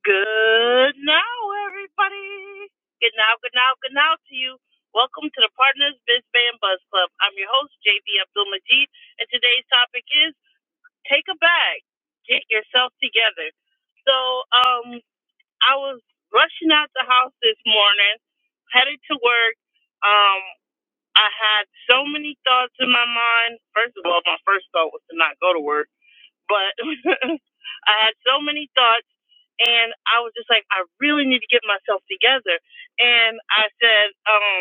Good now, everybody. Good now, good now, good now to you. Welcome to the Partners Biz Band Buzz Club. I'm your host, JB Abdul Majid, and today's topic is take a bag, get yourself together. So, um, I was rushing out the house this morning, headed to work. Um, I had so many thoughts in my mind. First of all, my first thought was to not go to work, but I had so many thoughts and I was just like, I really need to get myself together. And I said, um,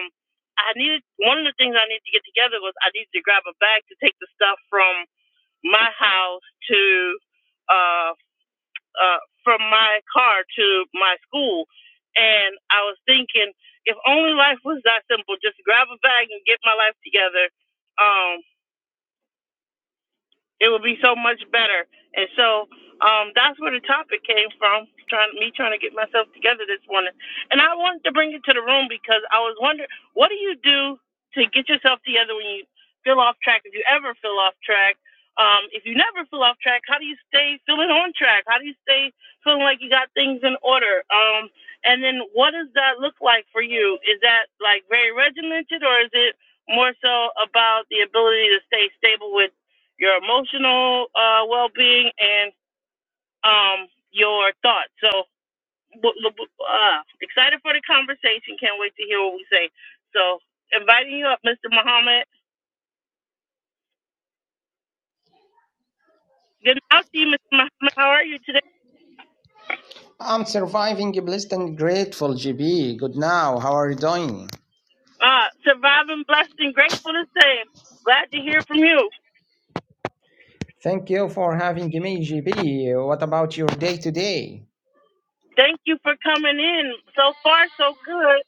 I needed one of the things I needed to get together was I needed to grab a bag to take the stuff from my house to uh, uh, from my car to my school. And I was thinking, if only life was that simple, just grab a bag and get my life together. Um, it would be so much better. And so um, that's where the topic came from. Trying me trying to get myself together this morning, and I wanted to bring it to the room because I was wondering, what do you do to get yourself together when you feel off track? If you ever feel off track, um, if you never feel off track, how do you stay feeling on track? How do you stay feeling like you got things in order? Um, and then what does that look like for you? Is that like very regimented, or is it more so about the ability to stay stable with? your emotional uh, well-being and um, your thoughts. So, uh, excited for the conversation. Can't wait to hear what we say. So, inviting you up, Mr. Muhammad. Good night to you, Mr. Muhammad. How are you today? I'm surviving, blessed and grateful, GB. Good now. How are you doing? Uh, surviving, blessed, and grateful the same. Glad to hear from you. Thank you for having me, GB. What about your day today? Thank you for coming in. So far, so good.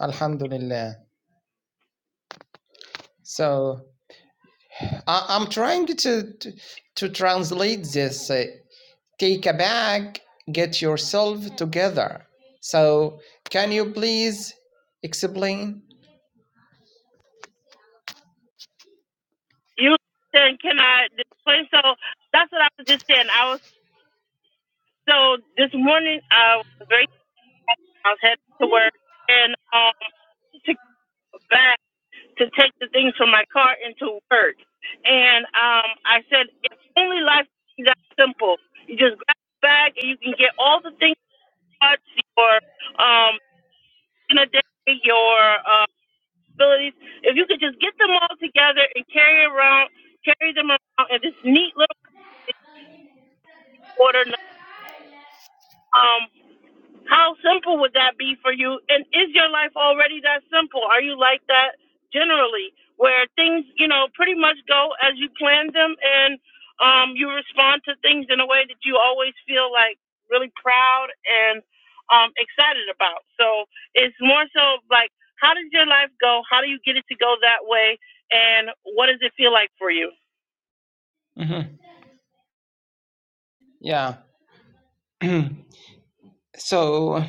Alhamdulillah. So I- I'm trying to to, to translate this. uh, take a bag, get yourself together. So can you please explain? You then can I explain? So that's what I was just saying. I was so this morning. I was very. I was headed to work, and um, took the back to take the things from my car into work. And um, I said, if only life is that simple. You just grab a bag and you can get all the things you want, your um, in a day, your uh, abilities. If you could just get them all together and carry around, carry them around in this neat little order. Um, How simple would that be for you? And is your life already that simple? Are you like that generally, where things, you know, pretty much go as you planned them, and um, you respond to things in a way that you always feel like really proud and um, excited about? So it's more so like, how does your life go? How do you get it to go that way? And what does it feel like for you? Mhm. Yeah. so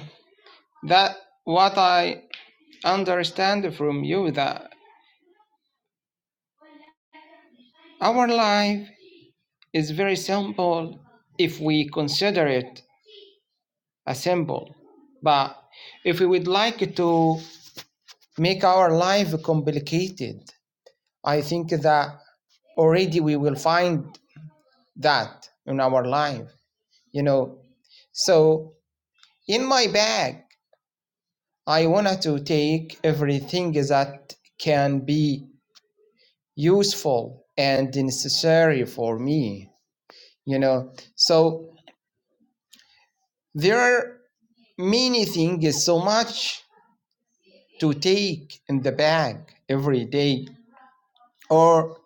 that what I understand from you that our life is very simple if we consider it a symbol. But if we would like to make our life complicated, I think that already we will find that in our life, you know. So in my bag, I wanted to take everything that can be useful and necessary for me, you know. So there are many things, so much to take in the bag every day. Or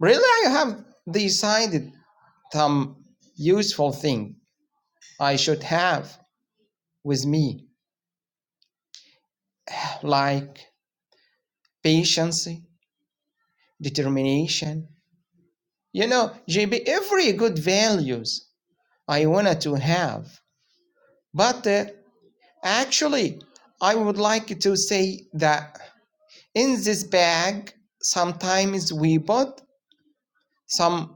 really, I have decided some useful thing I should have with me, like patience, determination. You know, JB, every good values I wanted to have. But uh, actually, I would like to say that in this bag, sometimes we put some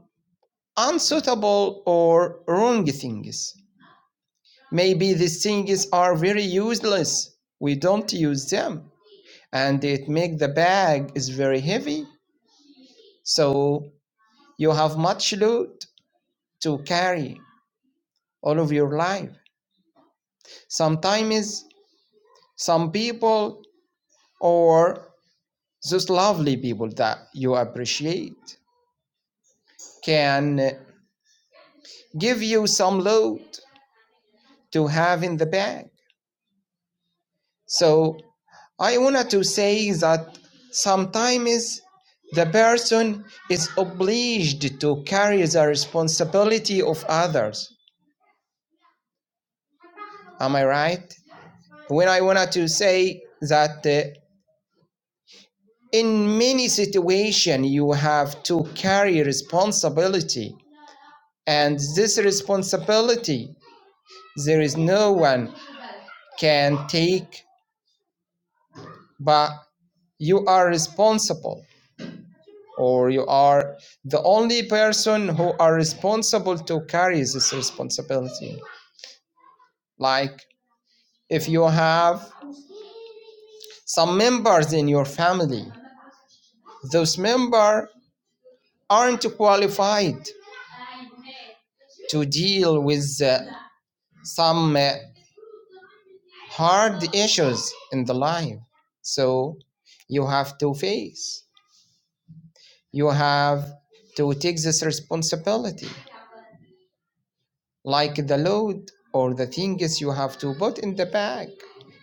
unsuitable or wrong things. Maybe these things are very useless. We don't use them and it makes the bag is very heavy. So you have much load to carry all of your life. Sometimes some people or those lovely people that you appreciate can give you some load to have in the bag So I wanted to say that sometimes the person is obliged to carry the responsibility of others. Am I right? When I wanted to say that uh, in many situations you have to carry responsibility, and this responsibility there is no one can take, but you are responsible or you are the only person who are responsible to carry this responsibility like if you have some members in your family those members aren't qualified to deal with uh, some uh, hard issues in the life so you have to face you have to take this responsibility like the load or the things you have to put in the bag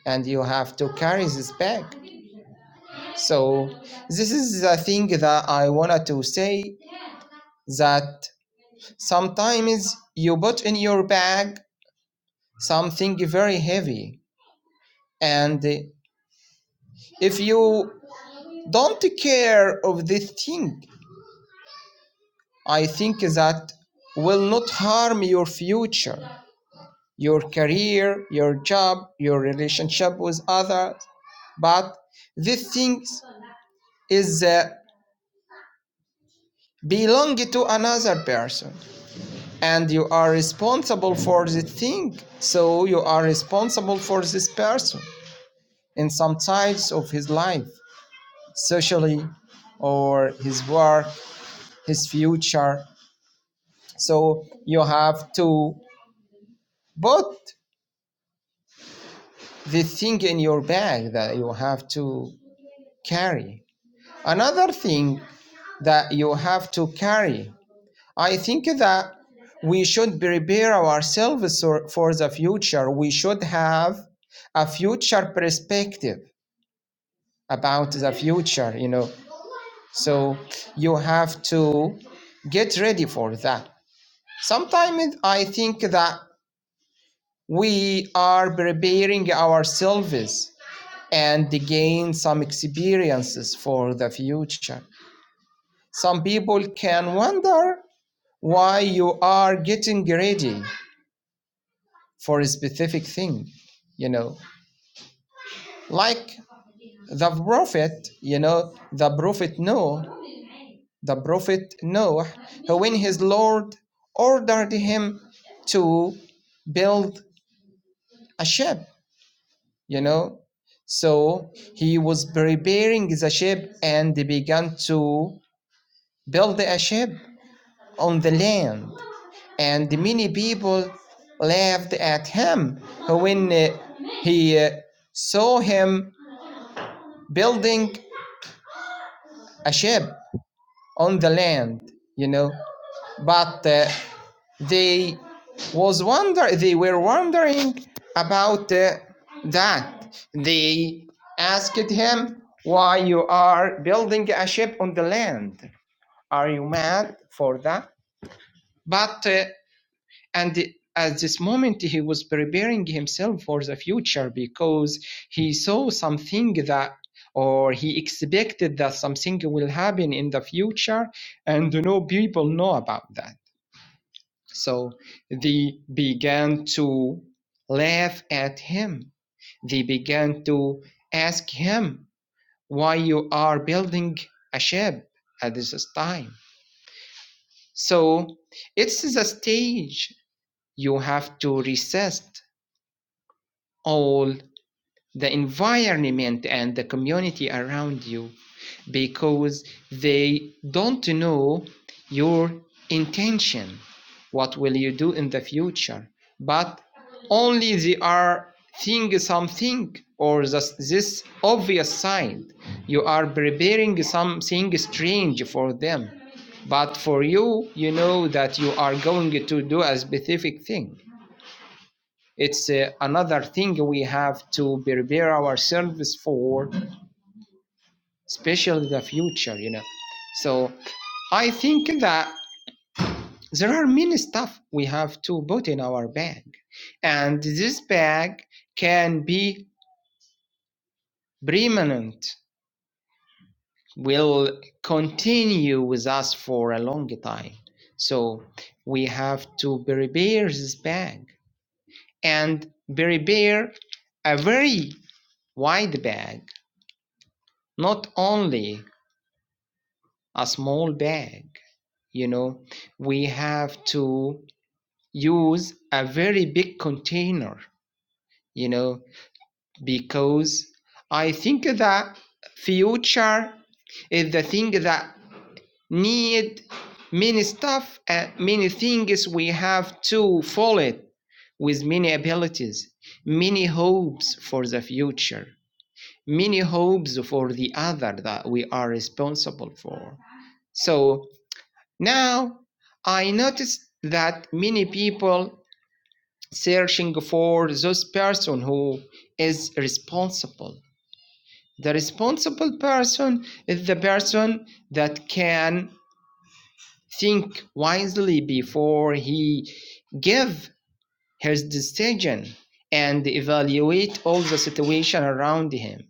and you have to carry this bag so this is the thing that i wanted to say that sometimes you put in your bag something very heavy and if you don't care of this thing i think that will not harm your future your career, your job, your relationship with others. But these things is uh, belong to another person, and you are responsible for the thing. So you are responsible for this person in some sides of his life, socially, or his work, his future. So you have to put the thing in your bag that you have to carry Another thing that you have to carry. I think that we should prepare ourselves or- for the future. We should have a future perspective about the future, you know. So you have to get ready for that. Sometimes I think that we are preparing ourselves and gain some experiences for the future. Some people can wonder why you are getting ready for a specific thing you know like the prophet you know the prophet noah the prophet noah who when his lord ordered him to build a ship you know so he was preparing the ship and began to build a ship on the land and many people laughed at him when uh, he uh, saw him building a ship on the land you know but uh, they was wonder they were wondering about uh, that they asked him why you are building a ship on the land are you mad for that but uh, And at this moment, he was preparing himself for the future because he saw something that or he expected that something will happen in the future and no people know about that. So they began to laugh at him. They began to ask him why you are building a ship at this time. So it's the stage you have to resist all the environment and the community around you because they don't know your intention what will you do in the future but only they are seeing something or this, this obvious side you are preparing something strange for them but for you you know that you are going to do a specific thing it's uh, another thing we have to prepare ourselves for, especially the future, you know. So I think that there are many stuff we have to put in our bag, and this bag can be permanent, will continue with us for a long time. So we have to prepare this bag and prepare a very wide bag, not only a small bag you know we have to use a very big container you know because i think that future is the thing that need many stuff and many things we have to follow it with many abilities many hopes for the future many hopes for the other that we are responsible for so Now, I noticed that many people searching for those person who is responsible. The responsible person is the person that can think wisely before he give his decision and evaluate all the situation around him.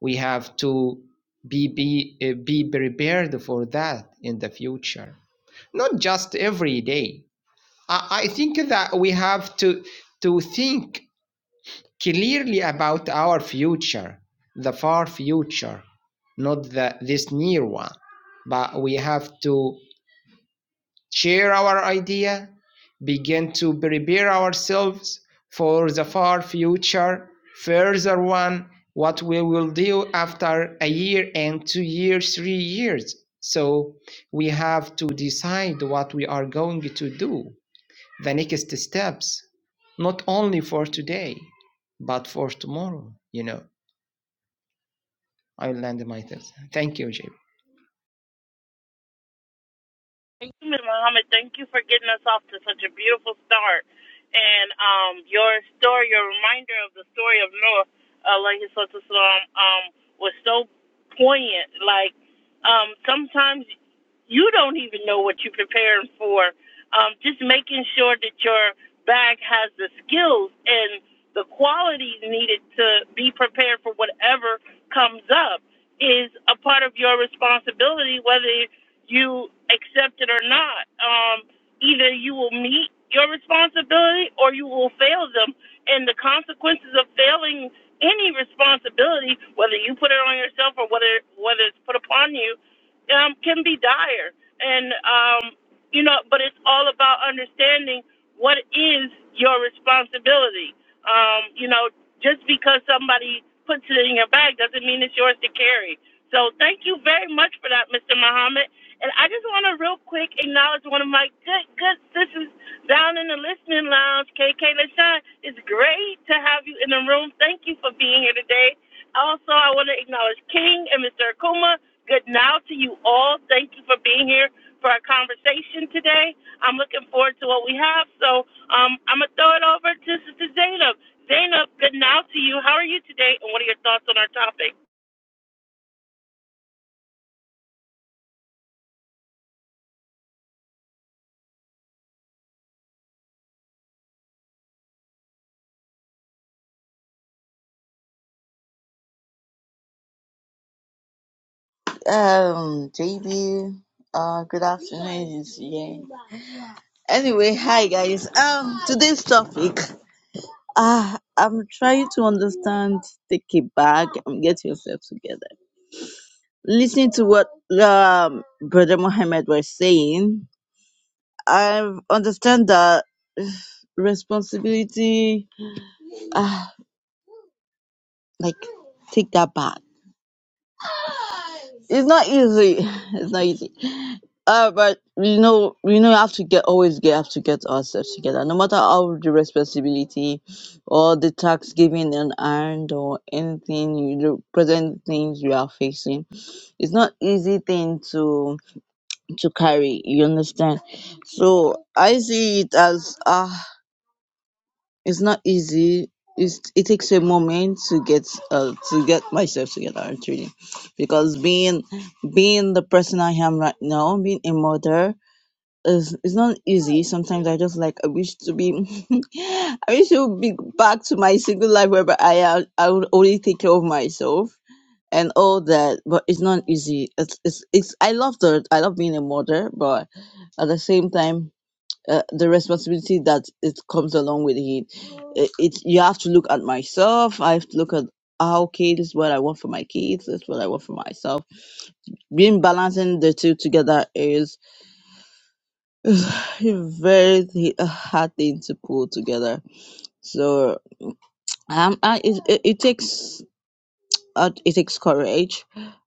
We have to be, be, uh, be prepared for that in the future. Not just every day I I think that we have to to think clearly about our future, the far future, not the, this near one. But we have to share our idea, begin to prepare ourselves for the far future, further one, what we will do after a year and two years, three years. So we have to decide what we are going to do the next steps, not only for today, but for tomorrow. You know, I will land myself. Thank you, JP. Ms. Muhammad, thank you for getting us off to such a beautiful start. And um, your story, your reminder of the story of Noah, alayhi salatu wasalam, um, was so poignant. Like, um, sometimes you don't even know what you're preparing for. Um, just making sure that your bag has the skills and the qualities needed to be prepared for whatever comes up is a part of your responsibility, whether you accept it or not. Um, either you will meet your responsibility or you will fail them. And the consequences of failing any responsibility, whether you put it on yourself or whether whether it's put upon you, um, can be dire. And um, you know, but it's all about understanding what is your responsibility. Um, you know, just because somebody puts it in your bag doesn't mean it's yours to carry. So thank you very much for that, Mr. Muhammad. And I just want to real quick acknowledge one of my good, good sisters down in the listening lounge, KK LaShawn. It's great to have you in the room. Thank you for being here today. Also, I want to acknowledge King and Mr. Akuma. Good now to you all. Thank you for being here for our conversation today. I'm looking forward to what we have. So um, I'm going to throw it over to Sister Zainab. Zainab, good now to you. How are you today, and what are your thoughts on our topic? Um, JB, uh, good afternoon, yeah. Anyway, hi guys. Um, today's topic. Ah, I'm trying to understand. Take it back and get yourself together. Listening to what um Brother Mohammed was saying, I understand that responsibility. Ah, like take that back. it's not easy. It's not easy. Uh, but we know we know you have to get always get have to get ourselves together, no matter how the responsibility or the tax given and earned or anything you the present things you are facing. It's not easy thing to to carry. You understand? So I see it as ah. It's not easy. It's, it takes a moment to get uh, to get myself together actually, because being being the person I am right now, being a mother, is it's not easy. Sometimes I just like I wish to be, I wish to be back to my single life whereby I am- I would only take care of myself and all that. But it's not easy. It's it's it's. I love the I love being a mother, but at the same time uh, the responsibility that it comes along with it. it. It you have to look at myself. I have to look at ah, okay, this is what I want for my kids. This is what I want for myself. Being balancing the two together is a very th- a hard thing to pull together. So um, I, it, it it takes uh, it takes courage.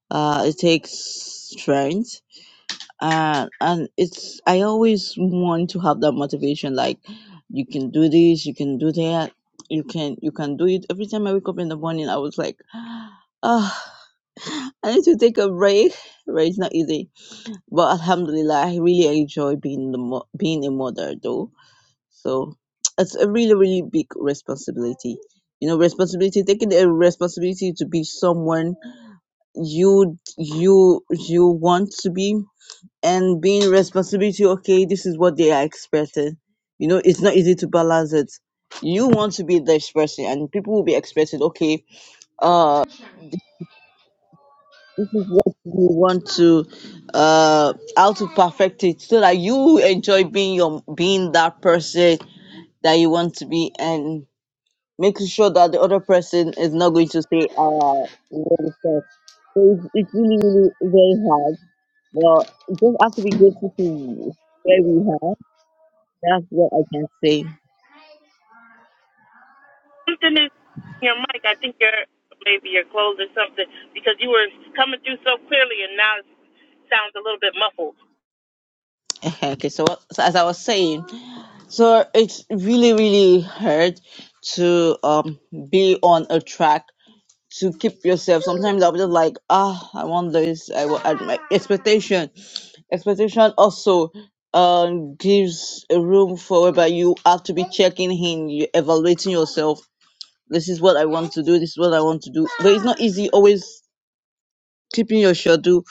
Uh, it takes strength uh, and it's I always want to have that motivation. Like you can do this, you can do that, you can you can do it. Every time I wake up in the morning, I was like, oh, I need to take a break. Right, it's not easy, but Alhamdulillah, I really enjoy being the mo- being a mother though. So it's a really really big responsibility. You know, responsibility taking the responsibility to be someone you you you want to be and being responsibility okay this is what they are expecting you know it's not easy to balance it you want to be this person and people will be expecting okay uh this is what you want to uh how to perfect it so that you enjoy being your being that person that you want to be and making sure that the other person is not going to say uh you know, so it's, it's really really very hard well you just have to be grateful to where we are That's what I can say. something is your mic. I think your maybe your clothes or something because you were coming through so clearly and now it sounds a little bit muffled. okay, so, what- so as I was saying, so it's really, really hard to um be on a track to keep yourself. Sometimes I'll be just like, ah, I want this. I want I- my expectation. Expectation also um gives a room for whereby you have to be checking in, you evaluating yourself. This is what I want to do. This is what I want to do. But it's not easy always keeping your schedule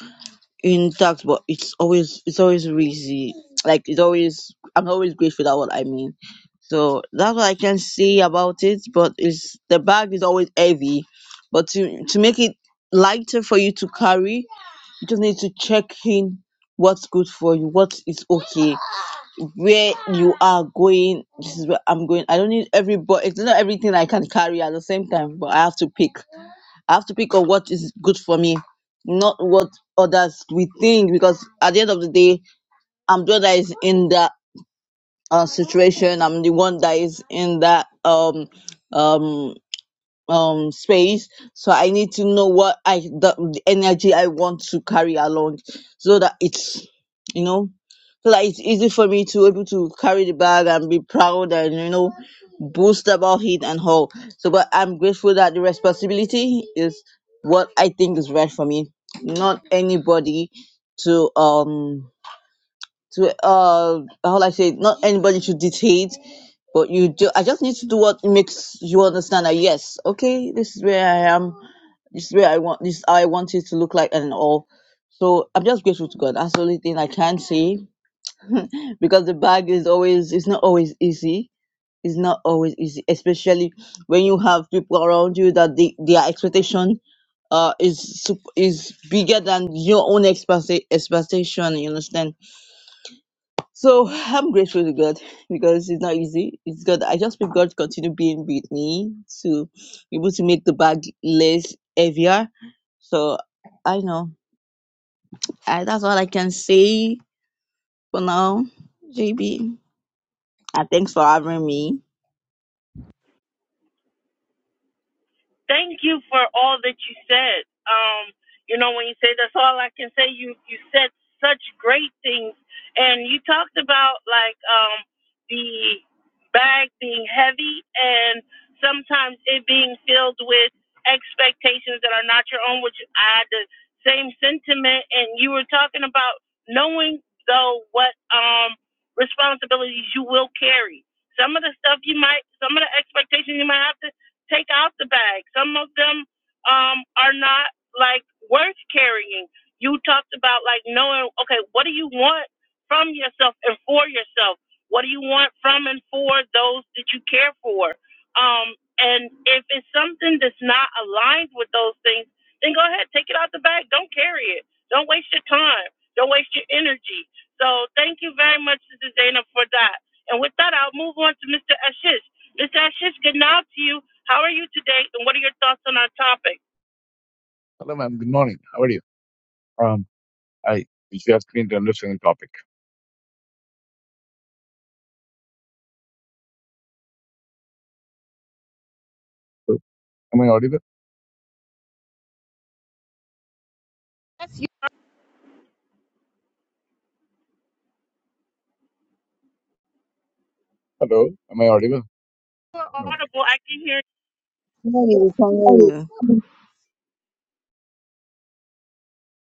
intact, but it's always it's always easy. Like it's always I'm always grateful that what I mean. So that's what I can say about it. But it's the bag is always heavy. But to to make it lighter for you to carry, you just need to check in what's good for you, what is okay, where you are going. This is where I'm going. I don't need every but it's not everything I can carry at the same time, but I have to pick. I have to pick up what is good for me, not what others we think. Because at the end of the day, I'm the one that is in that uh, situation. I'm the one that is in that um um um space so i need to know what i the, the energy i want to carry along so that it's you know so that it's easy for me to able to carry the bag and be proud and you know boast about it and all so but i'm grateful that the responsibility is what i think is right for me not anybody to um to uh how I say not anybody should dictate, but you do. I just need to do what makes you understand that yes, okay, this is where I am. This is where I want. This is how I want it to look like and all. So I'm just grateful to God. That's the only thing I can say because the bag is always it's not always easy. It's not always easy, especially when you have people around you that they, their expectation uh is sup- is bigger than your own expecta- expectation. You understand? So I'm grateful to God because it's not easy. It's God. I just pray God continue being with me to be able to make the bag less heavier. So I know I, that's all I can say for now, JB. And thanks for having me. thank you for all that you said. Um, you know, when you say that's all I can say, you you said such great things, and you talked about like um, the bag being heavy and sometimes it being filled with expectations that are not your own, which I had the same sentiment. And you were talking about knowing though what um, responsibilities you will carry. Some of the stuff you might, some of the expectations you might have to Take out the bag. Some of them um, are not like worth carrying. You talked about like knowing, okay, what do you want from yourself and for yourself? What do you want from and for those that you care for? Um, and if it's something that's not aligned with those things, then go ahead, take it out the bag. Don't carry it. Don't waste your time. Don't waste your energy. So thank you very much, Sister Dana, for that. And with that, I'll move on to Mr. Ashish. Is that good now to you? How are you today? And what are your thoughts on our topic? Hello, ma'am. Good morning. How are you? Um, I if you ask me to understand the topic. So, am I audible? Hello, am I audible? For No, I audible, I guess. can hear No, you can hear you. Hello. Yeah.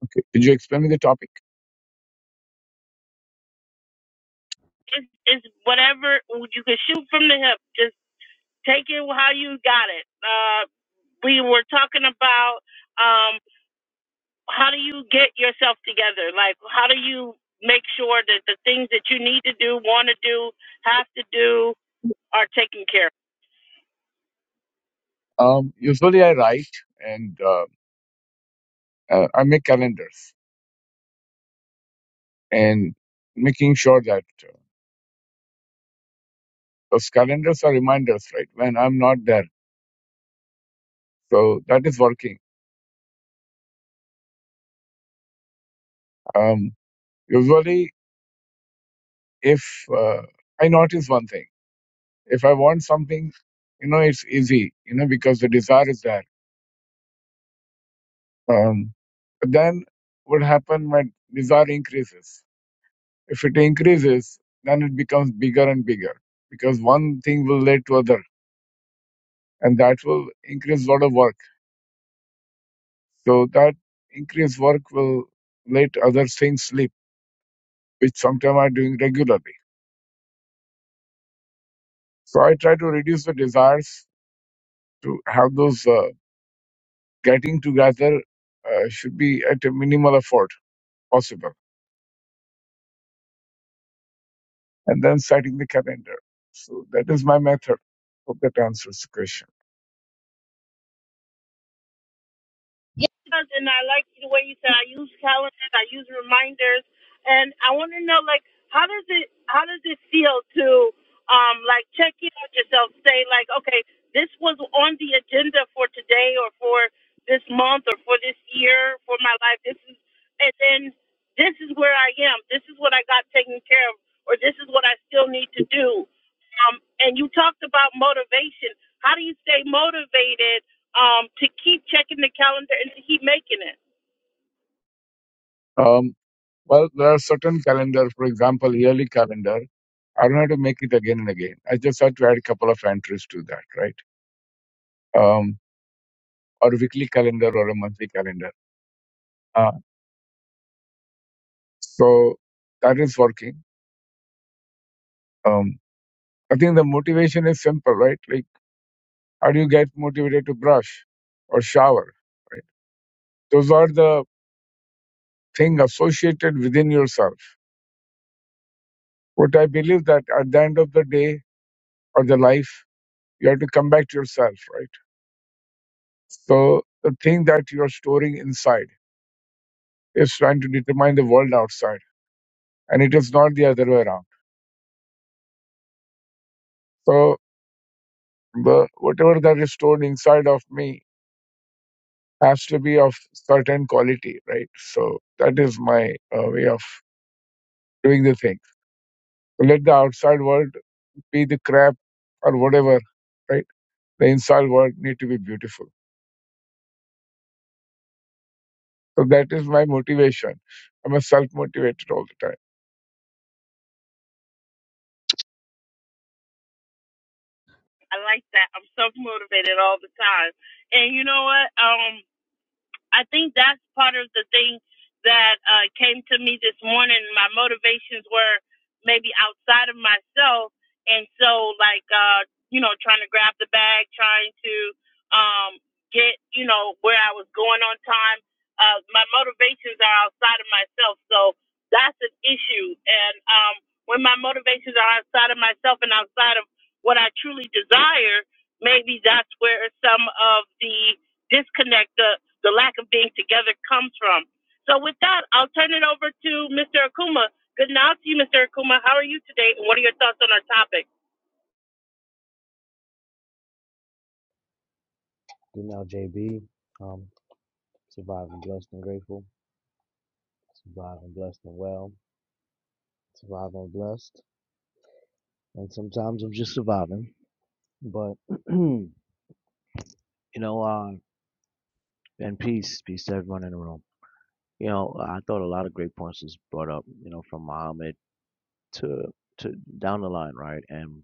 Okay. Could you explain me the topic? is is whatever you can shoot from the hip. Just take it how you got it. Uh, we were talking about um, how do you get yourself together? Like how do you make sure that the things that you need to do, want to do, have to do are taken care of? Um, usually I write and uh, uh, I make calendars and making sure that uh, those calendars are reminders, right? When I'm not there, so that is working. Um, usually, if uh, I notice one thing, if I want something, you know, it's easy, you know, because the desire is there Um, But then what happens? My desire increases. If it increases, then it becomes bigger and bigger because one thing will lead to other, and that will increase a lot of work. So that increased work will let other things slip, which sometimes I'm doing regularly. So I try to reduce the desires to have those uh, getting together uh, should be at a minimal effort possible, and then setting the calendar. So that is my method. Hope that answers the question. and I like the way you said I use calendars, I use reminders, and I want to know like how does it how does it feel to um like check in with yourself, say like okay this was on the agenda for today or for this month or for this year for my life. This is and then this is where I am. This is what I got taken care of, or this is what I still need to do. Um, and you talked about motivation. How do you stay motivated? um, to keep checking the calendar and to keep making it. Um, well, there are certain calendar, for example, yearly calendar. I don't have to make it again and again. I just have to add a couple of entries to that, right? Um, or a weekly calendar or a monthly calendar. Uh, so that is working. Um, I think the motivation is simple, right? Like, how do you get motivated to brush or shower? Right? Those are the thing associated within yourself. What I believe that at the end of the day or the life, you have to come back to yourself, right? So the thing that you're storing inside is trying to determine the world outside, and it is not the other way around. So the whatever that is stored inside of me has to be of certain quality, right? So that is my uh, way of doing the thing. So, Let the outside world be the crap or whatever, right? The inside world need to be beautiful. So that is my motivation. I'm a self-motivated all the time. I like that. I'm self motivated all the time. And you know what? Um. I think that's part of the thing that uh, came to me this morning. My motivations were maybe outside of myself, and so like uh, you know, trying to grab the bag, trying to um, get you know where I was going on time. Uh, my motivations are outside of myself, so that's an issue. And um, when my motivations are outside of myself and outside of what I truly desire, maybe that's where some of the disconnect, the, the lack of being together comes from. So with that, I'll turn it over to Mr. Akuma. Good night to you, Mr. Akuma. How are you today, and what are your thoughts on our topic? Female JB, um, surviving blessed and grateful, surviving blessed and well, surviving blessed, and sometimes I'm just surviving. But you know, uh, and peace, peace to everyone in the room. You know, I thought a lot of great points was brought up. You know, from Muhammad to to down the line, right? And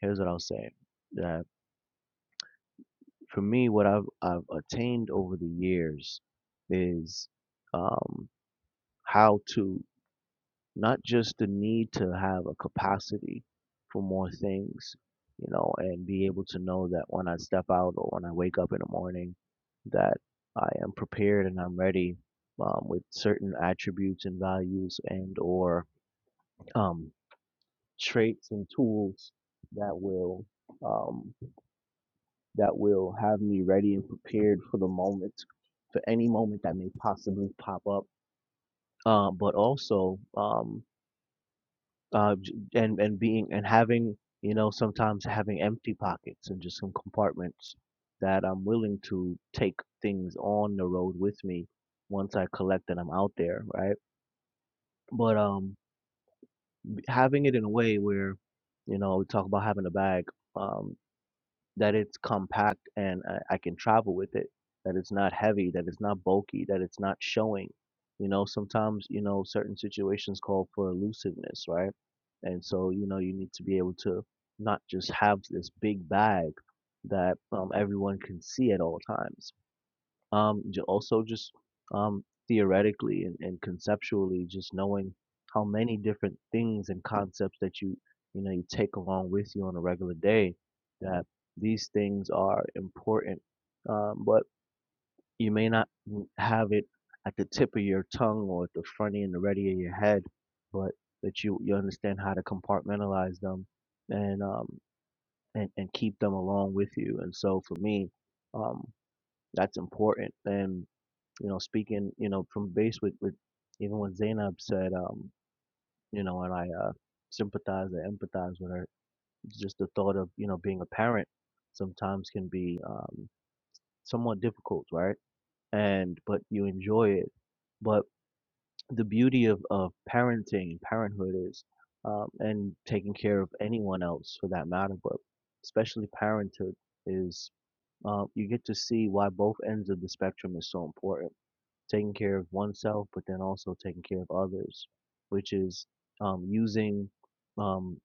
here's what I'll say: that for me, what I've I've attained over the years is um, how to not just the need to have a capacity for more things, you know, and be able to know that when I step out or when I wake up in the morning, that I am prepared and I'm ready um, with certain attributes and values and or um, traits and tools that will um, that will have me ready and prepared for the moment, for any moment that may possibly pop up. Uh, but also, um, uh, j- and and being and having you know sometimes having empty pockets and just some compartments that I'm willing to take things on the road with me once I collect that I'm out there, right? But um, having it in a way where you know we talk about having a bag. Um, that it's compact and I, I can travel with it, that it's not heavy, that it's not bulky, that it's not showing. You know, sometimes, you know, certain situations call for elusiveness, right? And so, you know, you need to be able to not just have this big bag that um, everyone can see at all times. Um, j- also just um, theoretically and, and conceptually, just knowing how many different things and concepts that you you know you take along with you on a regular day, that these things are important, um, but you may not n- have it at the tip of your tongue or at the front end, the ready of your head, but that you you understand how to compartmentalize them and um and, and keep them along with you. And so for me, um, that's important and you know, speaking, you know, from base with, with even when Zainab said, um, you know, and I uh, sympathize and empathize with her, it's just the thought of, you know, being a parent sometimes can be um, somewhat difficult, right? And, but you enjoy it. But the beauty of, of parenting, parenthood is, um, and taking care of anyone else for that matter, but especially parenthood is, uh, you get to see why both ends of the spectrum is so important taking care of oneself, but then also taking care of others, which is um, using um,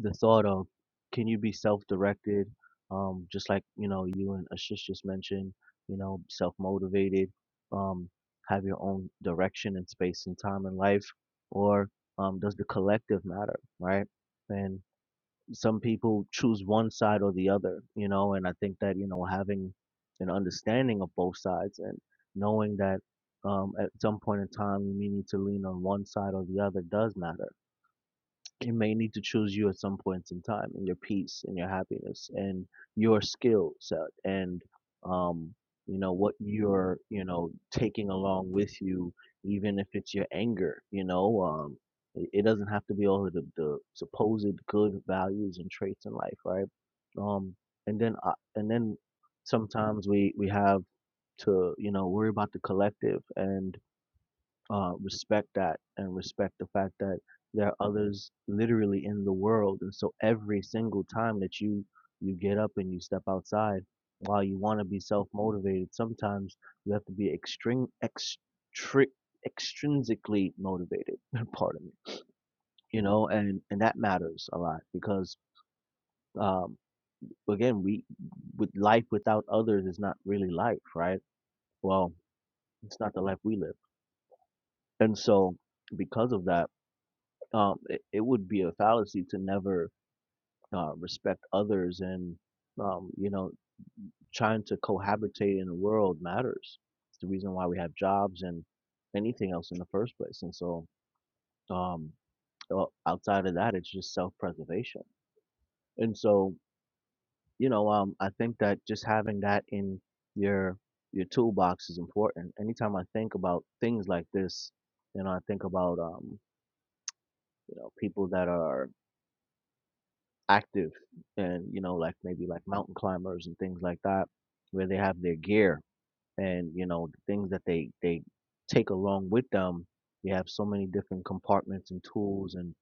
the thought of can you be self-directed, um, just like you know you and Ashish just mentioned, you know, self-motivated, um, have your own direction and space and time in life, or um, does the collective matter, right? And some people choose one side or the other, you know, and I think that, you know, having an understanding of both sides and knowing that um, at some point in time you may need to lean on one side or the other does matter it may need to choose you at some points in time and your peace and your happiness and your skill set and um you know what you're you know taking along with you even if it's your anger you know um it, it doesn't have to be all of the, the supposed good values and traits in life right um and then uh, and then sometimes we we have to you know worry about the collective and uh, respect that and respect the fact that there are others literally in the world. And so every single time that you you get up and you step outside, while you want to be self motivated, sometimes you have to be extreme extri- extrinsically motivated. Pardon me. You know, and and that matters a lot because um, again, we with life without others is not really life, right? Well, it's not the life we live, and so because of that um, it, it would be a fallacy to never uh, respect others and um, you know trying to cohabitate in the world matters it's the reason why we have jobs and anything else in the first place and so um, well, outside of that it's just self-preservation and so you know um, i think that just having that in your your toolbox is important anytime i think about things like this you know i think about um, you know people that are active and you know like maybe like mountain climbers and things like that where they have their gear and you know the things that they they take along with them they have so many different compartments and tools and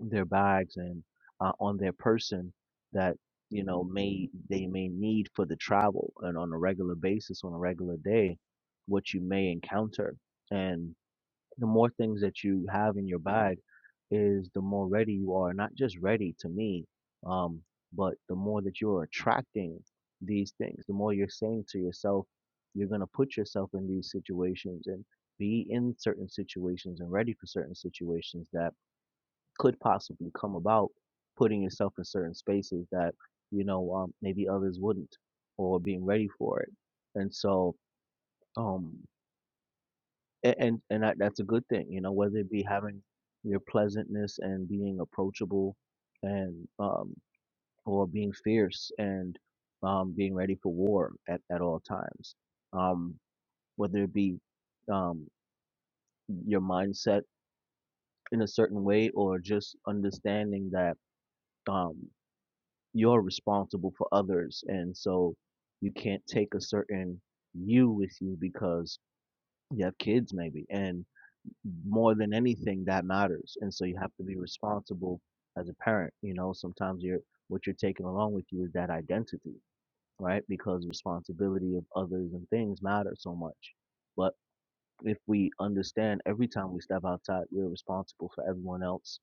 their bags and uh, on their person that you know may they may need for the travel and on a regular basis on a regular day what you may encounter and the more things that you have in your bag is the more ready you are not just ready to me um but the more that you're attracting these things the more you're saying to yourself you're going to put yourself in these situations and be in certain situations and ready for certain situations that could possibly come about putting yourself in certain spaces that you know um, maybe others wouldn't or being ready for it and so um and and, and that, that's a good thing you know whether it be having your pleasantness and being approachable and um or being fierce and um being ready for war at, at all times um whether it be um your mindset in a certain way or just understanding that um you're responsible for others and so you can't take a certain you with you because you have kids maybe and more than anything that matters and so you have to be responsible as a parent you know sometimes you're what you're taking along with you is that identity right because responsibility of others and things matter so much but if we understand every time we step outside we're responsible for everyone else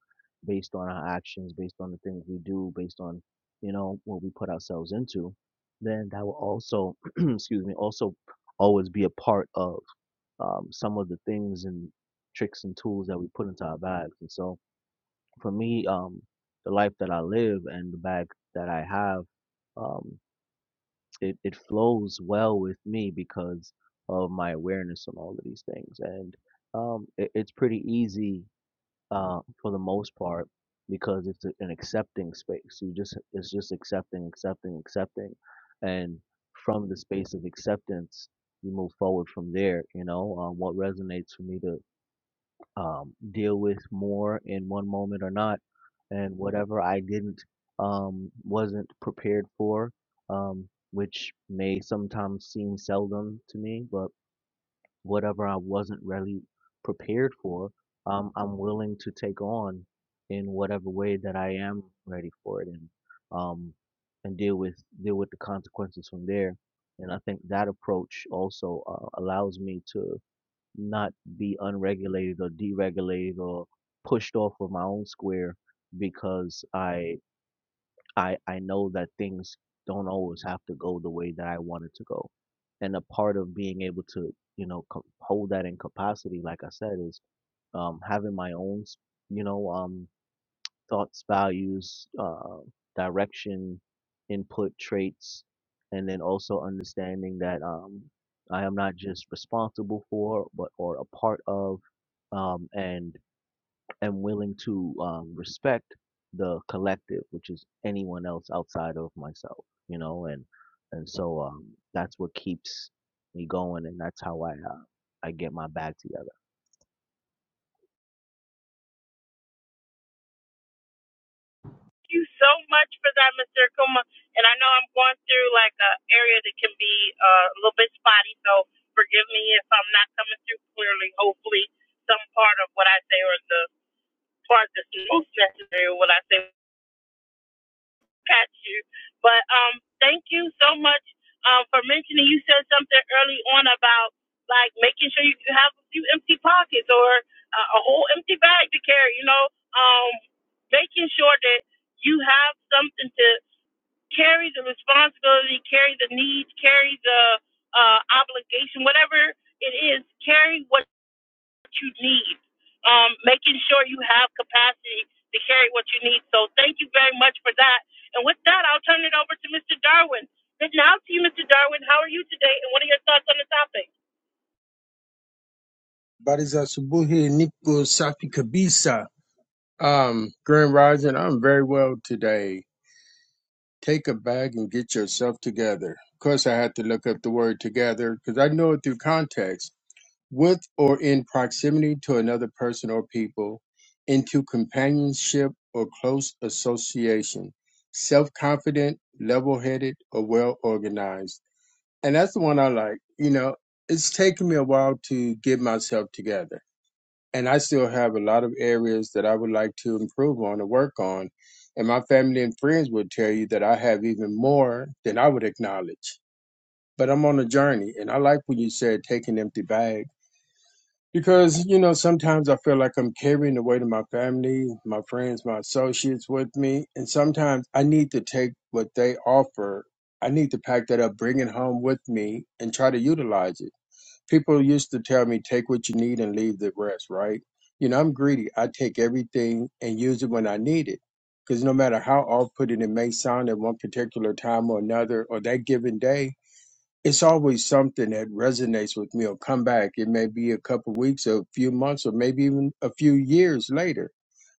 based on our actions based on the things we do based on you know what we put ourselves into then that will also excuse me also always be a part of um, some of the things and tricks and tools that we put into our bags. And so for me, um, the life that I live and the bag that I have, um, it, it flows well with me because of my awareness on all of these things. And um, it, it's pretty easy uh, for the most part because it's a, an accepting space. You just it's just accepting, accepting, accepting, and from the space of acceptance, you move forward from there. You know, um, what resonates for me to um, deal with more in one moment or not. And whatever I didn't, um, wasn't prepared for, um, which may sometimes seem seldom to me, but whatever I wasn't really prepared for, um, I'm willing to take on in whatever way that I am ready for it and, um, and deal with, deal with the consequences from there. And I think that approach also uh, allows me to not be unregulated or deregulated or pushed off of my own square because I I I know that things don't always have to go the way that I want it to go. And a part of being able to, you know, co- hold that in capacity, like I said, is um, having my own, s- you know, um, thoughts, values, uh, direction, input, traits, and then also understanding that um, I am not just responsible for, but or a part of um, and am willing to um, respect the collective, which is anyone else outside of myself, you know, and and so um, that's what keeps me going, and that's how I uh, I get my bag together. Thank you so much for that, Mr. Akuma. And I know I'm going through like an area that can be uh, a little bit spotty, so forgive me if I'm not coming through clearly. Hopefully, some part of what I say or the part that's most necessary of what I say Catch you. But um, thank you so much um, for mentioning. You said something early on about like making sure you have a few empty pockets or uh, a whole empty bag to carry. You know, um, making sure that you have something to carry the responsibility, carry the needs, carry the uh, obligation, whatever it is. Carry what you need, um, making sure you have capacity to carry what you need. So thank you very much for that. And with that, I'll turn it over to Mr. Darwin. Good now to you, Mr. Darwin. How are you today, and what are your thoughts on the topic? Habari za asubuhi, niko safi kabisa. Um, Grand Rising, I'm very well today. Take a bag and get yourself together. Of course, I had to look up the word together because I know it through context. With or in proximity to another person or people, into companionship or close association, self confident, level headed, or well organized. And that's the one I like. You know, it's taken me a while to get myself together and I still have a lot of areas that I would like to improve on and work on. And my family and friends would tell you that I have even more than I would acknowledge. But I'm on a journey, and I like when you said take an empty bag because you know sometimes I feel like I'm carrying the weight of my family, my friends, my associates with me, and sometimes I need to take what they offer. I need to pack that up, bring it home with me, and try to utilize it people used to tell me take what you need and leave the rest right you know i'm greedy i take everything and use it when i need it because no matter how off-putting it may sound at one particular time or another or that given day it's always something that resonates with me or come back it may be a couple weeks a few months or maybe even a few years later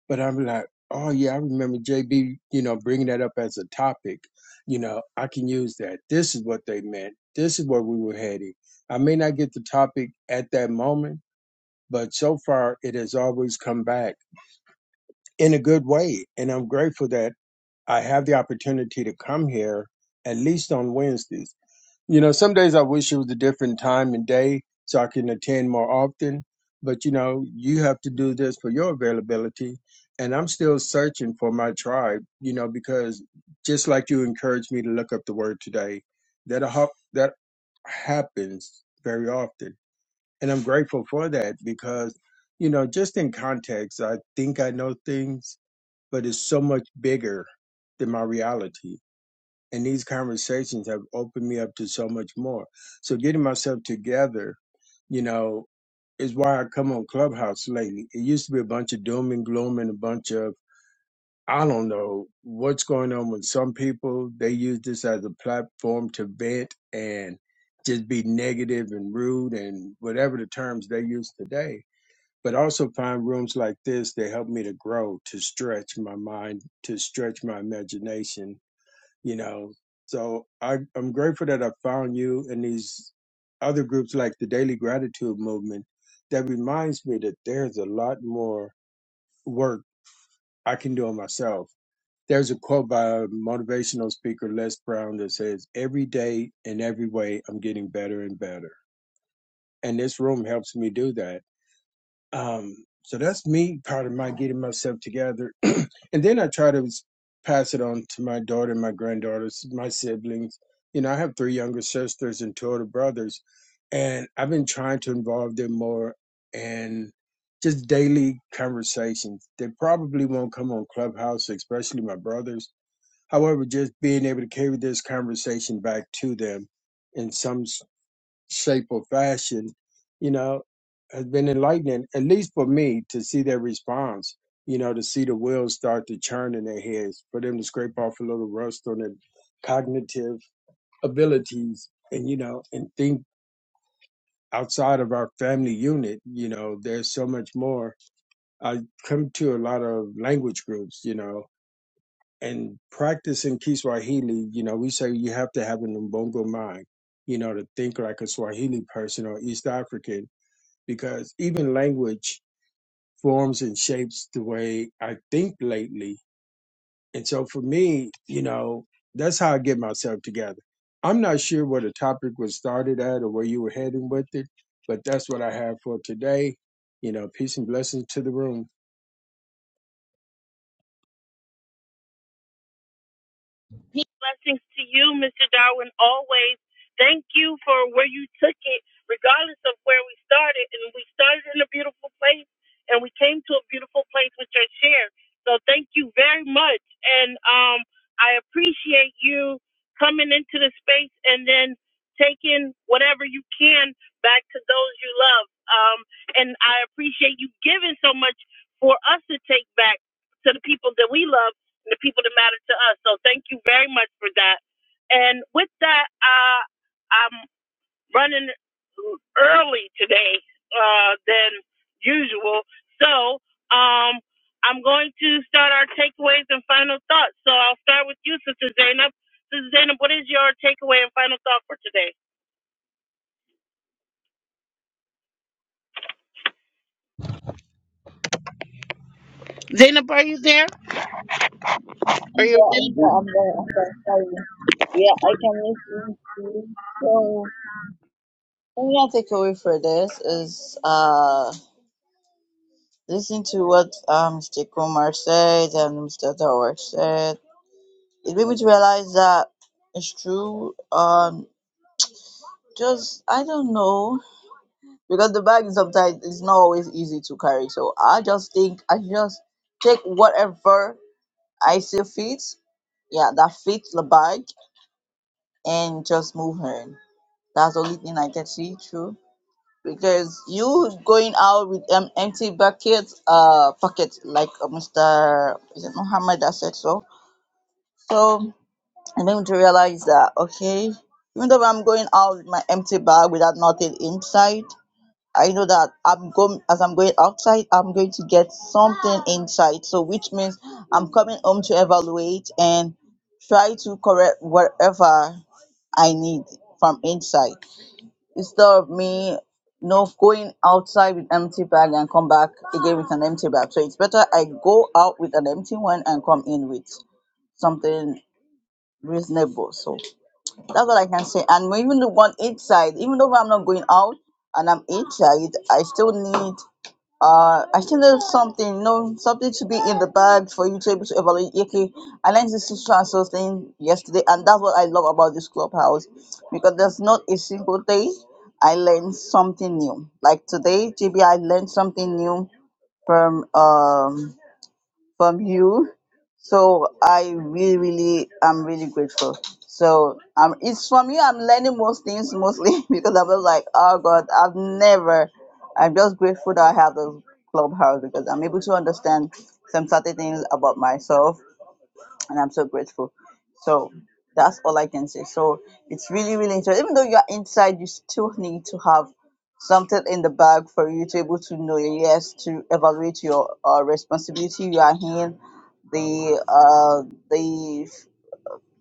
but I'm like, oh yeah, I remember JB, you know, bringing that up as a topic. You know, I can use that. This is what they meant. This is where we were heading. I may not get the topic at that moment, but so far it has always come back in a good way. And I'm grateful that I have the opportunity to come here at least on Wednesdays you know, some days I wish it was a different time and day so I can attend more often. But you know, you have to do this for your availability. And I'm still searching for my tribe, you know, because just like you encouraged me to look up the word today, that a hap- that happens very often. And I'm grateful for that because, you know, just in context, I think I know things, but it's so much bigger than my reality and these conversations have opened me up to so much more. So getting myself together, you know, is why I come on Clubhouse lately. It used to be a bunch of doom and gloom and a bunch of I don't know what's going on with some people. They use this as a platform to vent and just be negative and rude and whatever the terms they use today. But I also find rooms like this that help me to grow, to stretch my mind, to stretch my imagination, you know. So I, I'm grateful that I found you and these other groups like the Daily Gratitude Movement. That reminds me that there's a lot more work I can do on myself. There's a quote by a motivational speaker, Les Brown, that says, Every day in every way, I'm getting better and better. And this room helps me do that um, so that's me, part of my getting myself together. and then I try to s- pass it on to my daughter, my granddaughters, my siblings. You know, I have three younger sisters and two older brothers, and I've been trying to involve them more in just daily conversations. They probably won't come on Clubhouse, especially my brothers. However, just being able to carry this conversation back to them in some shape or fashion, you know, has been enlightening, at least for me, to see their response, you know, to see the wheels start to churn in their heads, for them to scrape off a little rust on their cognitive abilities and, you know, and think outside of our family unit, you know, there's so much more. I come to a lot of language groups, you know, and practicing Kiswahili, you know, we say you have to have an Mbongo mind, you know, to think like a Swahili person or East African because even language forms and shapes the way I think lately. And so for me, you know, that's how I get myself together. I'm not sure where the topic was started at or where you were heading with it, but that's what I have for today. You know, peace and blessings to the room. Peace, blessings to you, Mr. Darwin, always. Thank you for where you took it, regardless of where we started. And we started in a beautiful place, and we came to a beautiful place with your share. So thank you very much. And um, I appreciate you coming into the space and then taking whatever you can back to those you love. Um, and I appreciate you giving so much for us to take back to the people that we love the people that matter to us. So thank you very much for that. And with that, uh, I'm running early today uh, than usual. So um, I'm going to start our takeaways and final thoughts. So I'll start with you, Sister Zainab. Sister Zainab, what is your takeaway and final thought for today? Zainab, are you there? Are I'm you there, I'm available? there, I'm there, I'm there. Sorry. Yeah, I can listen to you. too. So, the real takeaway for this is. uh Listening to what uh, Mr. Kumar said and Mr. Dawar said, it made me to realize that it's true. Um, just I don't know because the bag is sometimes it's not always easy to carry. So I just think I just take whatever I see fit, yeah, that fits the bag, and just move her. That's the only thing I can see true. Because you going out with um, empty bucket, uh, pocket like uh, Mr. Is it Muhammad that said so? So I came to realize that okay, even though I'm going out with my empty bag without nothing inside, I know that I'm going as I'm going outside, I'm going to get something inside. So which means I'm coming home to evaluate and try to correct whatever I need from inside. Instead of me no going outside with empty bag and come back again with an empty bag. So it's better I go out with an empty one and come in with something reasonable. So that's what I can say. And even the one inside, even though I'm not going out and I'm inside, I still need uh I still need something, you know, something to be in the bag for you to able to evaluate. Yeah, Okay, I learned this social and social thing yesterday and that's what I love about this clubhouse because there's not a single day I learned something new. Like today, JB I learned something new from um from you. So I really, really, I'm really grateful. So um, it's from you. I'm learning most things mostly because I was like, oh God, I've never. I'm just grateful that I have this clubhouse because I'm able to understand some certain things about myself and I'm so grateful. So that's all I can say. So it's really, really interesting. Even though you're inside, you still need to have something in the bag for you to be able to know your yes to evaluate your uh, responsibility you are in the uh the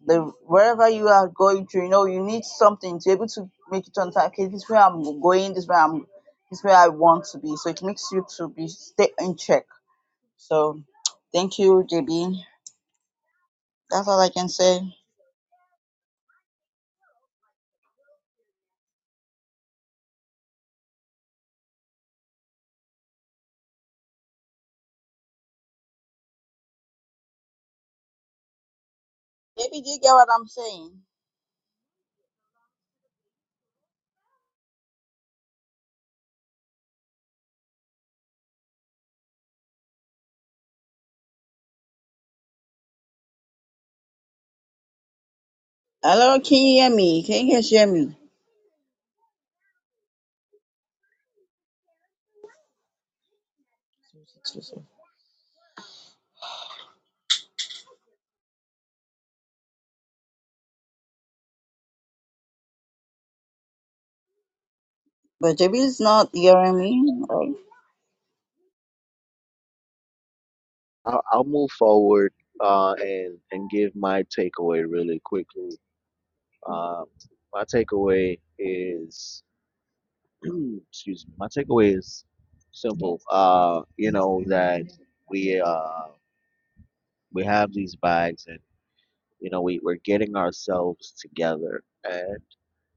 the wherever you are going to you know you need something to be able to make it on time okay this is where i'm going this is where i'm this is where i want to be so it makes you to be stay in check so thank you jb that's all i can say Maybe you get what I'm saying. Hello, can you hear me? Can you guys hear me? But JB is not hearing me. right? I'll, I'll move forward uh, and and give my takeaway really quickly. Um, my takeaway is excuse me. My takeaway is simple. Uh, you know that we uh, we have these bags and you know we we're getting ourselves together and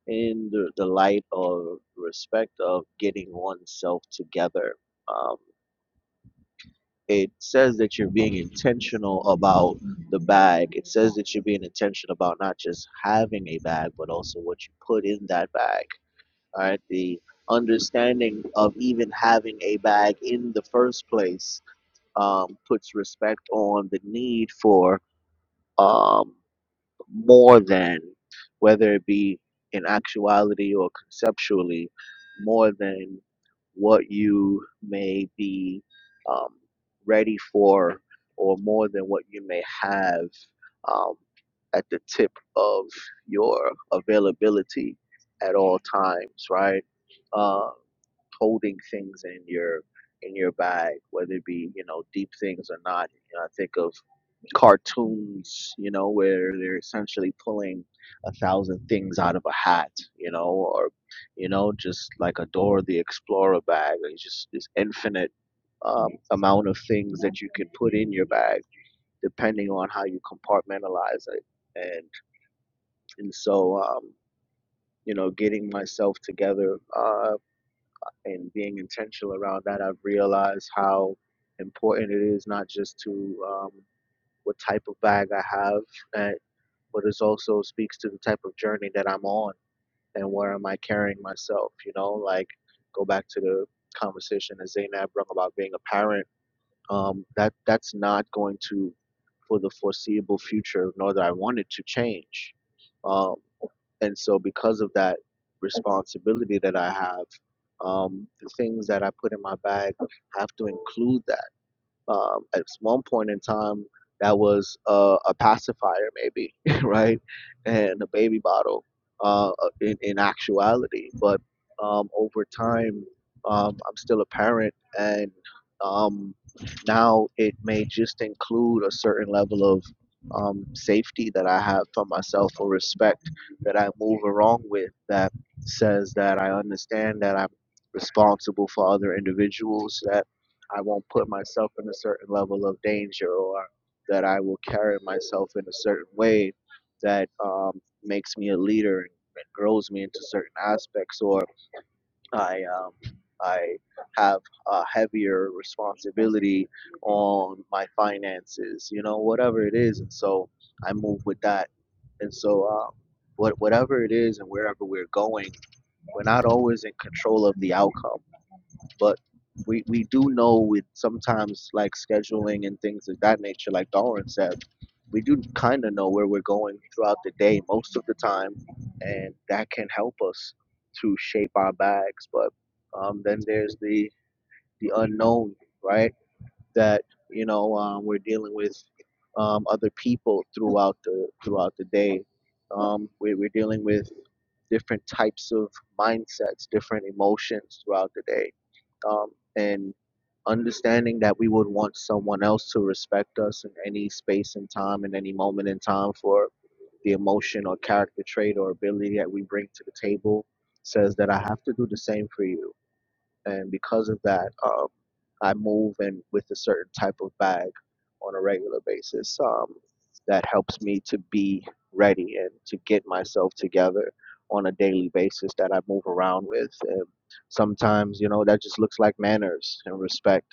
in the, the light of respect of getting oneself together. Um, it says that you're being intentional about the bag. It says that you're being intentional about not just having a bag, but also what you put in that bag. All right. The understanding of even having a bag in the first place um, puts respect on the need for um, more than, whether it be in actuality or conceptually, more than what you may be um, ready for or more than what you may have um, at the tip of your availability at all times, right? Uh, holding things in your in your bag, whether it be you know deep things or not. You know, I think of cartoons, you know, where they're essentially pulling a thousand things out of a hat, you know, or you know, just like a Dora the Explorer bag. Like, It's just this infinite um, amount of things that you can put in your bag, depending on how you compartmentalize it. And and so, um, you know, getting myself together uh, and being intentional around that, I've realized how important it is not just to um, what type of bag I have and. but it also speaks to the type of journey that I'm on and where am I carrying myself, you know, like go back to the conversation that Zainab brought about being a parent. Um, that that's not going to for the foreseeable future, nor that I want it to change. Um, and so because of that responsibility that I have, um, the things that I put in my bag have to include that um, at one point in time, that was uh, a pacifier, maybe, right? And a baby bottle uh, uh, in, in actuality. But um, over time, um, I'm still a parent, and um, now it may just include a certain level of um, safety that I have for myself or respect that I move along with that says that I understand that I'm responsible for other individuals, that I won't put myself in a certain level of danger or that I will carry myself in a certain way that um, makes me a leader and, and grows me into certain aspects or I um, I have a heavier responsibility on my finances, you know, whatever it is. And so I move with that. And so uh, what, whatever it is and wherever we're going, we're not always in control of the outcome but we we do know with sometimes like scheduling and things of that nature, like Darwin said, we do kind of know where we're going throughout the day most of the time, and that can help us to shape our bags. But um, then there's the the unknown, right? That you know um, we're dealing with um, other people throughout the throughout the day. Um, we, we're dealing with different types of mindsets, different emotions throughout the day. Um, and understanding that we would want someone else to respect us in any space and time, in any moment in time for the emotion or character trait or ability that we bring to the table says that I have to do the same for you and because of that, um, I move in with a certain type of bag on a regular basis. Um, that helps me to be ready and to get myself together on a daily basis that I move around with. And sometimes, you know, that just looks like manners and respect.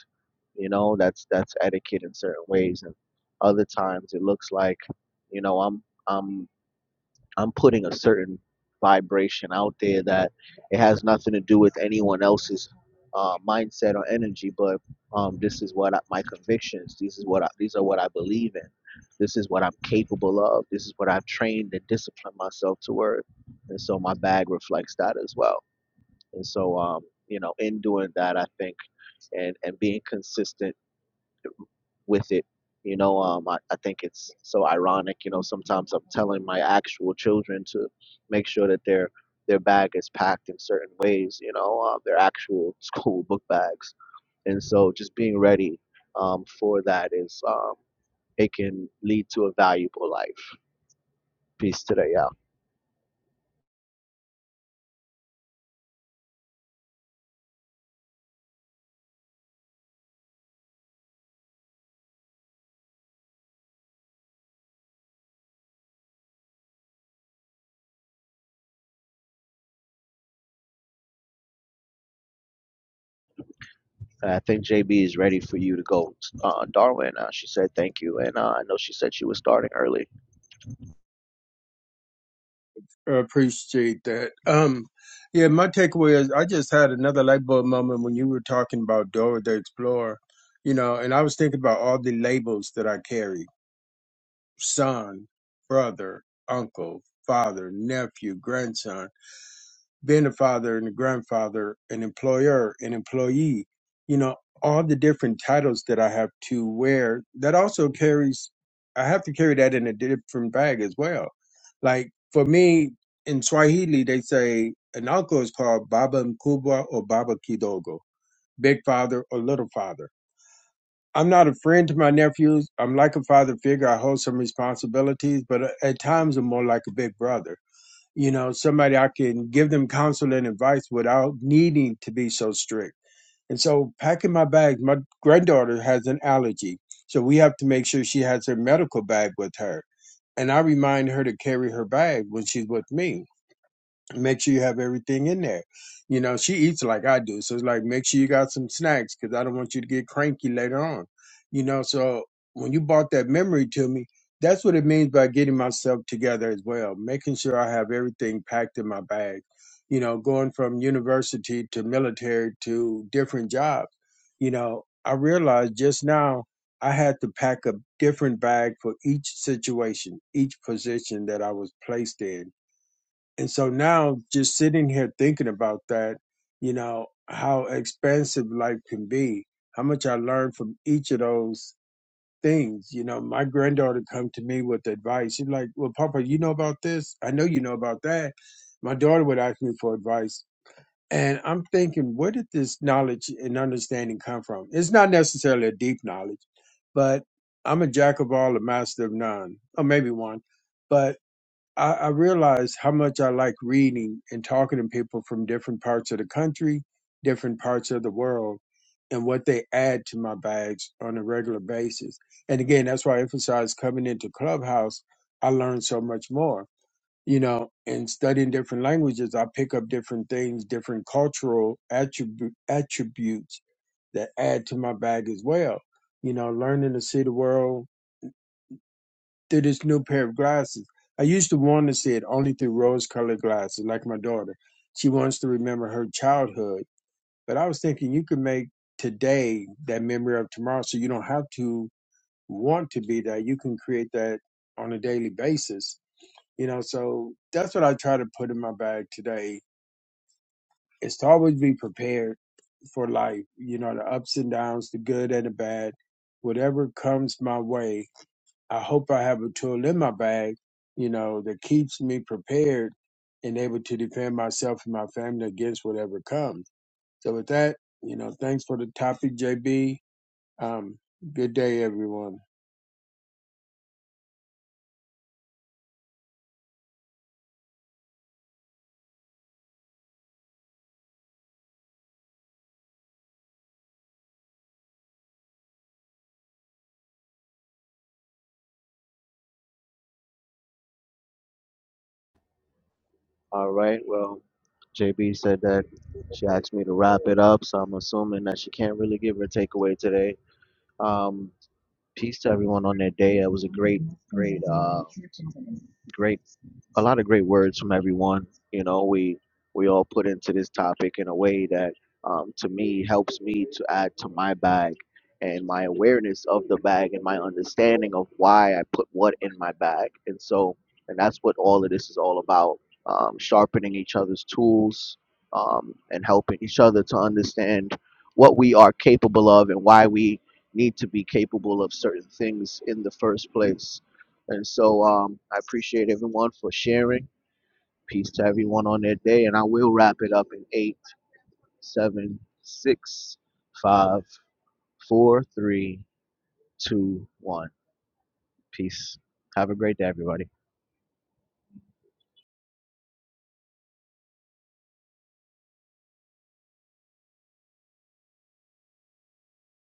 You know, that's that's etiquette in certain ways, and other times it looks like, you know, I'm I'm I'm putting a certain vibration out there that it has nothing to do with anyone else's uh, mindset or energy, but um, this is what I, my convictions. This is what I, these are what I believe in. This is what I'm capable of. This is what I've trained and disciplined myself toward, and so my bag reflects that as well. And so, um, you know, in doing that, I think and and being consistent with it. You know, um, I, I think it's so ironic. You know, sometimes I'm telling my actual children to make sure that their their bag is packed in certain ways. You know, um, their actual school book bags, and so just being ready um, for that is um, it can lead to a valuable life piece today. Yeah. I think JB is ready for you to go. Uh, Darwin, uh, she said thank you. And uh, I know she said she was starting early. I appreciate that. Um, yeah, my takeaway is I just had another light bulb moment when you were talking about Dora the Explorer, you know, and I was thinking about all the labels that I carry son, brother, uncle, father, nephew, grandson, being a father and a grandfather, an employer, an employee, you know, all the different titles that I have to wear, that also carries, I have to carry that in a different bag as well. Like for me, in Swahili, they say an uncle is called Baba Mkubwa or Baba Kidogo, big father or little father I'm not a friend to my nephews. I'm like a father figure. I hold some responsibilities, but uh, at times I'm more like a big brother. You know, somebody I can give them counsel and advice without needing to be so strict. And so, packing my bags, my granddaughter has an allergy. So, we have to make sure she has her medical bag with her. And I remind her to carry her bag when she's with me make sure you have everything in there. You know, she eats like I do, so it's like make sure you got some snacks because I don't want you to get cranky later on. You know, so when you brought that memory to me, that's what it means by getting myself together as well, making sure I have everything packed in my bag. You know, going from university to military to different jobs. You know, I realized just now I had to pack a different bag for each situation, each position that I was placed in and so now just sitting here thinking about that, you know, how expansive life can be, how much I learned from each of those things. You know, my granddaughter come to me with advice. She's like, Well, Papa, you know about this? I know you know about that. My daughter would ask me for advice. And I'm thinking, where did this knowledge and understanding come from? It's not necessarily a deep knowledge, but I'm a jack of all, a master of none, or maybe one. But I, I realized how much I like reading and talking to people from different parts of the country, different parts of the world, and what they add to my bags on a regular basis. And again, that's why I emphasize coming into Clubhouse, I learned so much more. You know, and studying different languages, I pick up different things, different cultural attribu- attributes that add to my bag as well. You know, learning to see the world through this new pair of glasses. I used to want to see it only through rose colored glasses, like my daughter. She wants to remember her childhood. But I was thinking you could make today that memory of tomorrow so you don't have to want to be that. You can create that on a daily basis. You know, so that's what I try to put in my bag today is to always be prepared for life, you know, the ups and downs, the good and the bad, whatever comes my way I hope I have a tool in my bag, you know, that keeps me prepared and able to defend myself and my family against whatever comes. So with that, you know, thanks for the topic, JB. Um, good day, everyone. All right. Well, JB said that she asked me to wrap it up. So I'm assuming that she can't really give her takeaway today. Um. peace to everyone on their day. That was a great, great, uh, great a lot of great words from everyone. You know, we we all put into this topic in a way that, um, to me, helps me to add to my bag and my awareness of the bag and my understanding of why I put what in my bag. And so, and that's what all of this is all about: um, sharpening each other's tools um, and helping each other to understand what we are capable of and why we need to be capable of certain things in the first place. And so um, I appreciate everyone for sharing. Peace to everyone on their day. And I will wrap it up in eight, seven, six, five, four, three, two, one. Peace. Have a great day, everybody.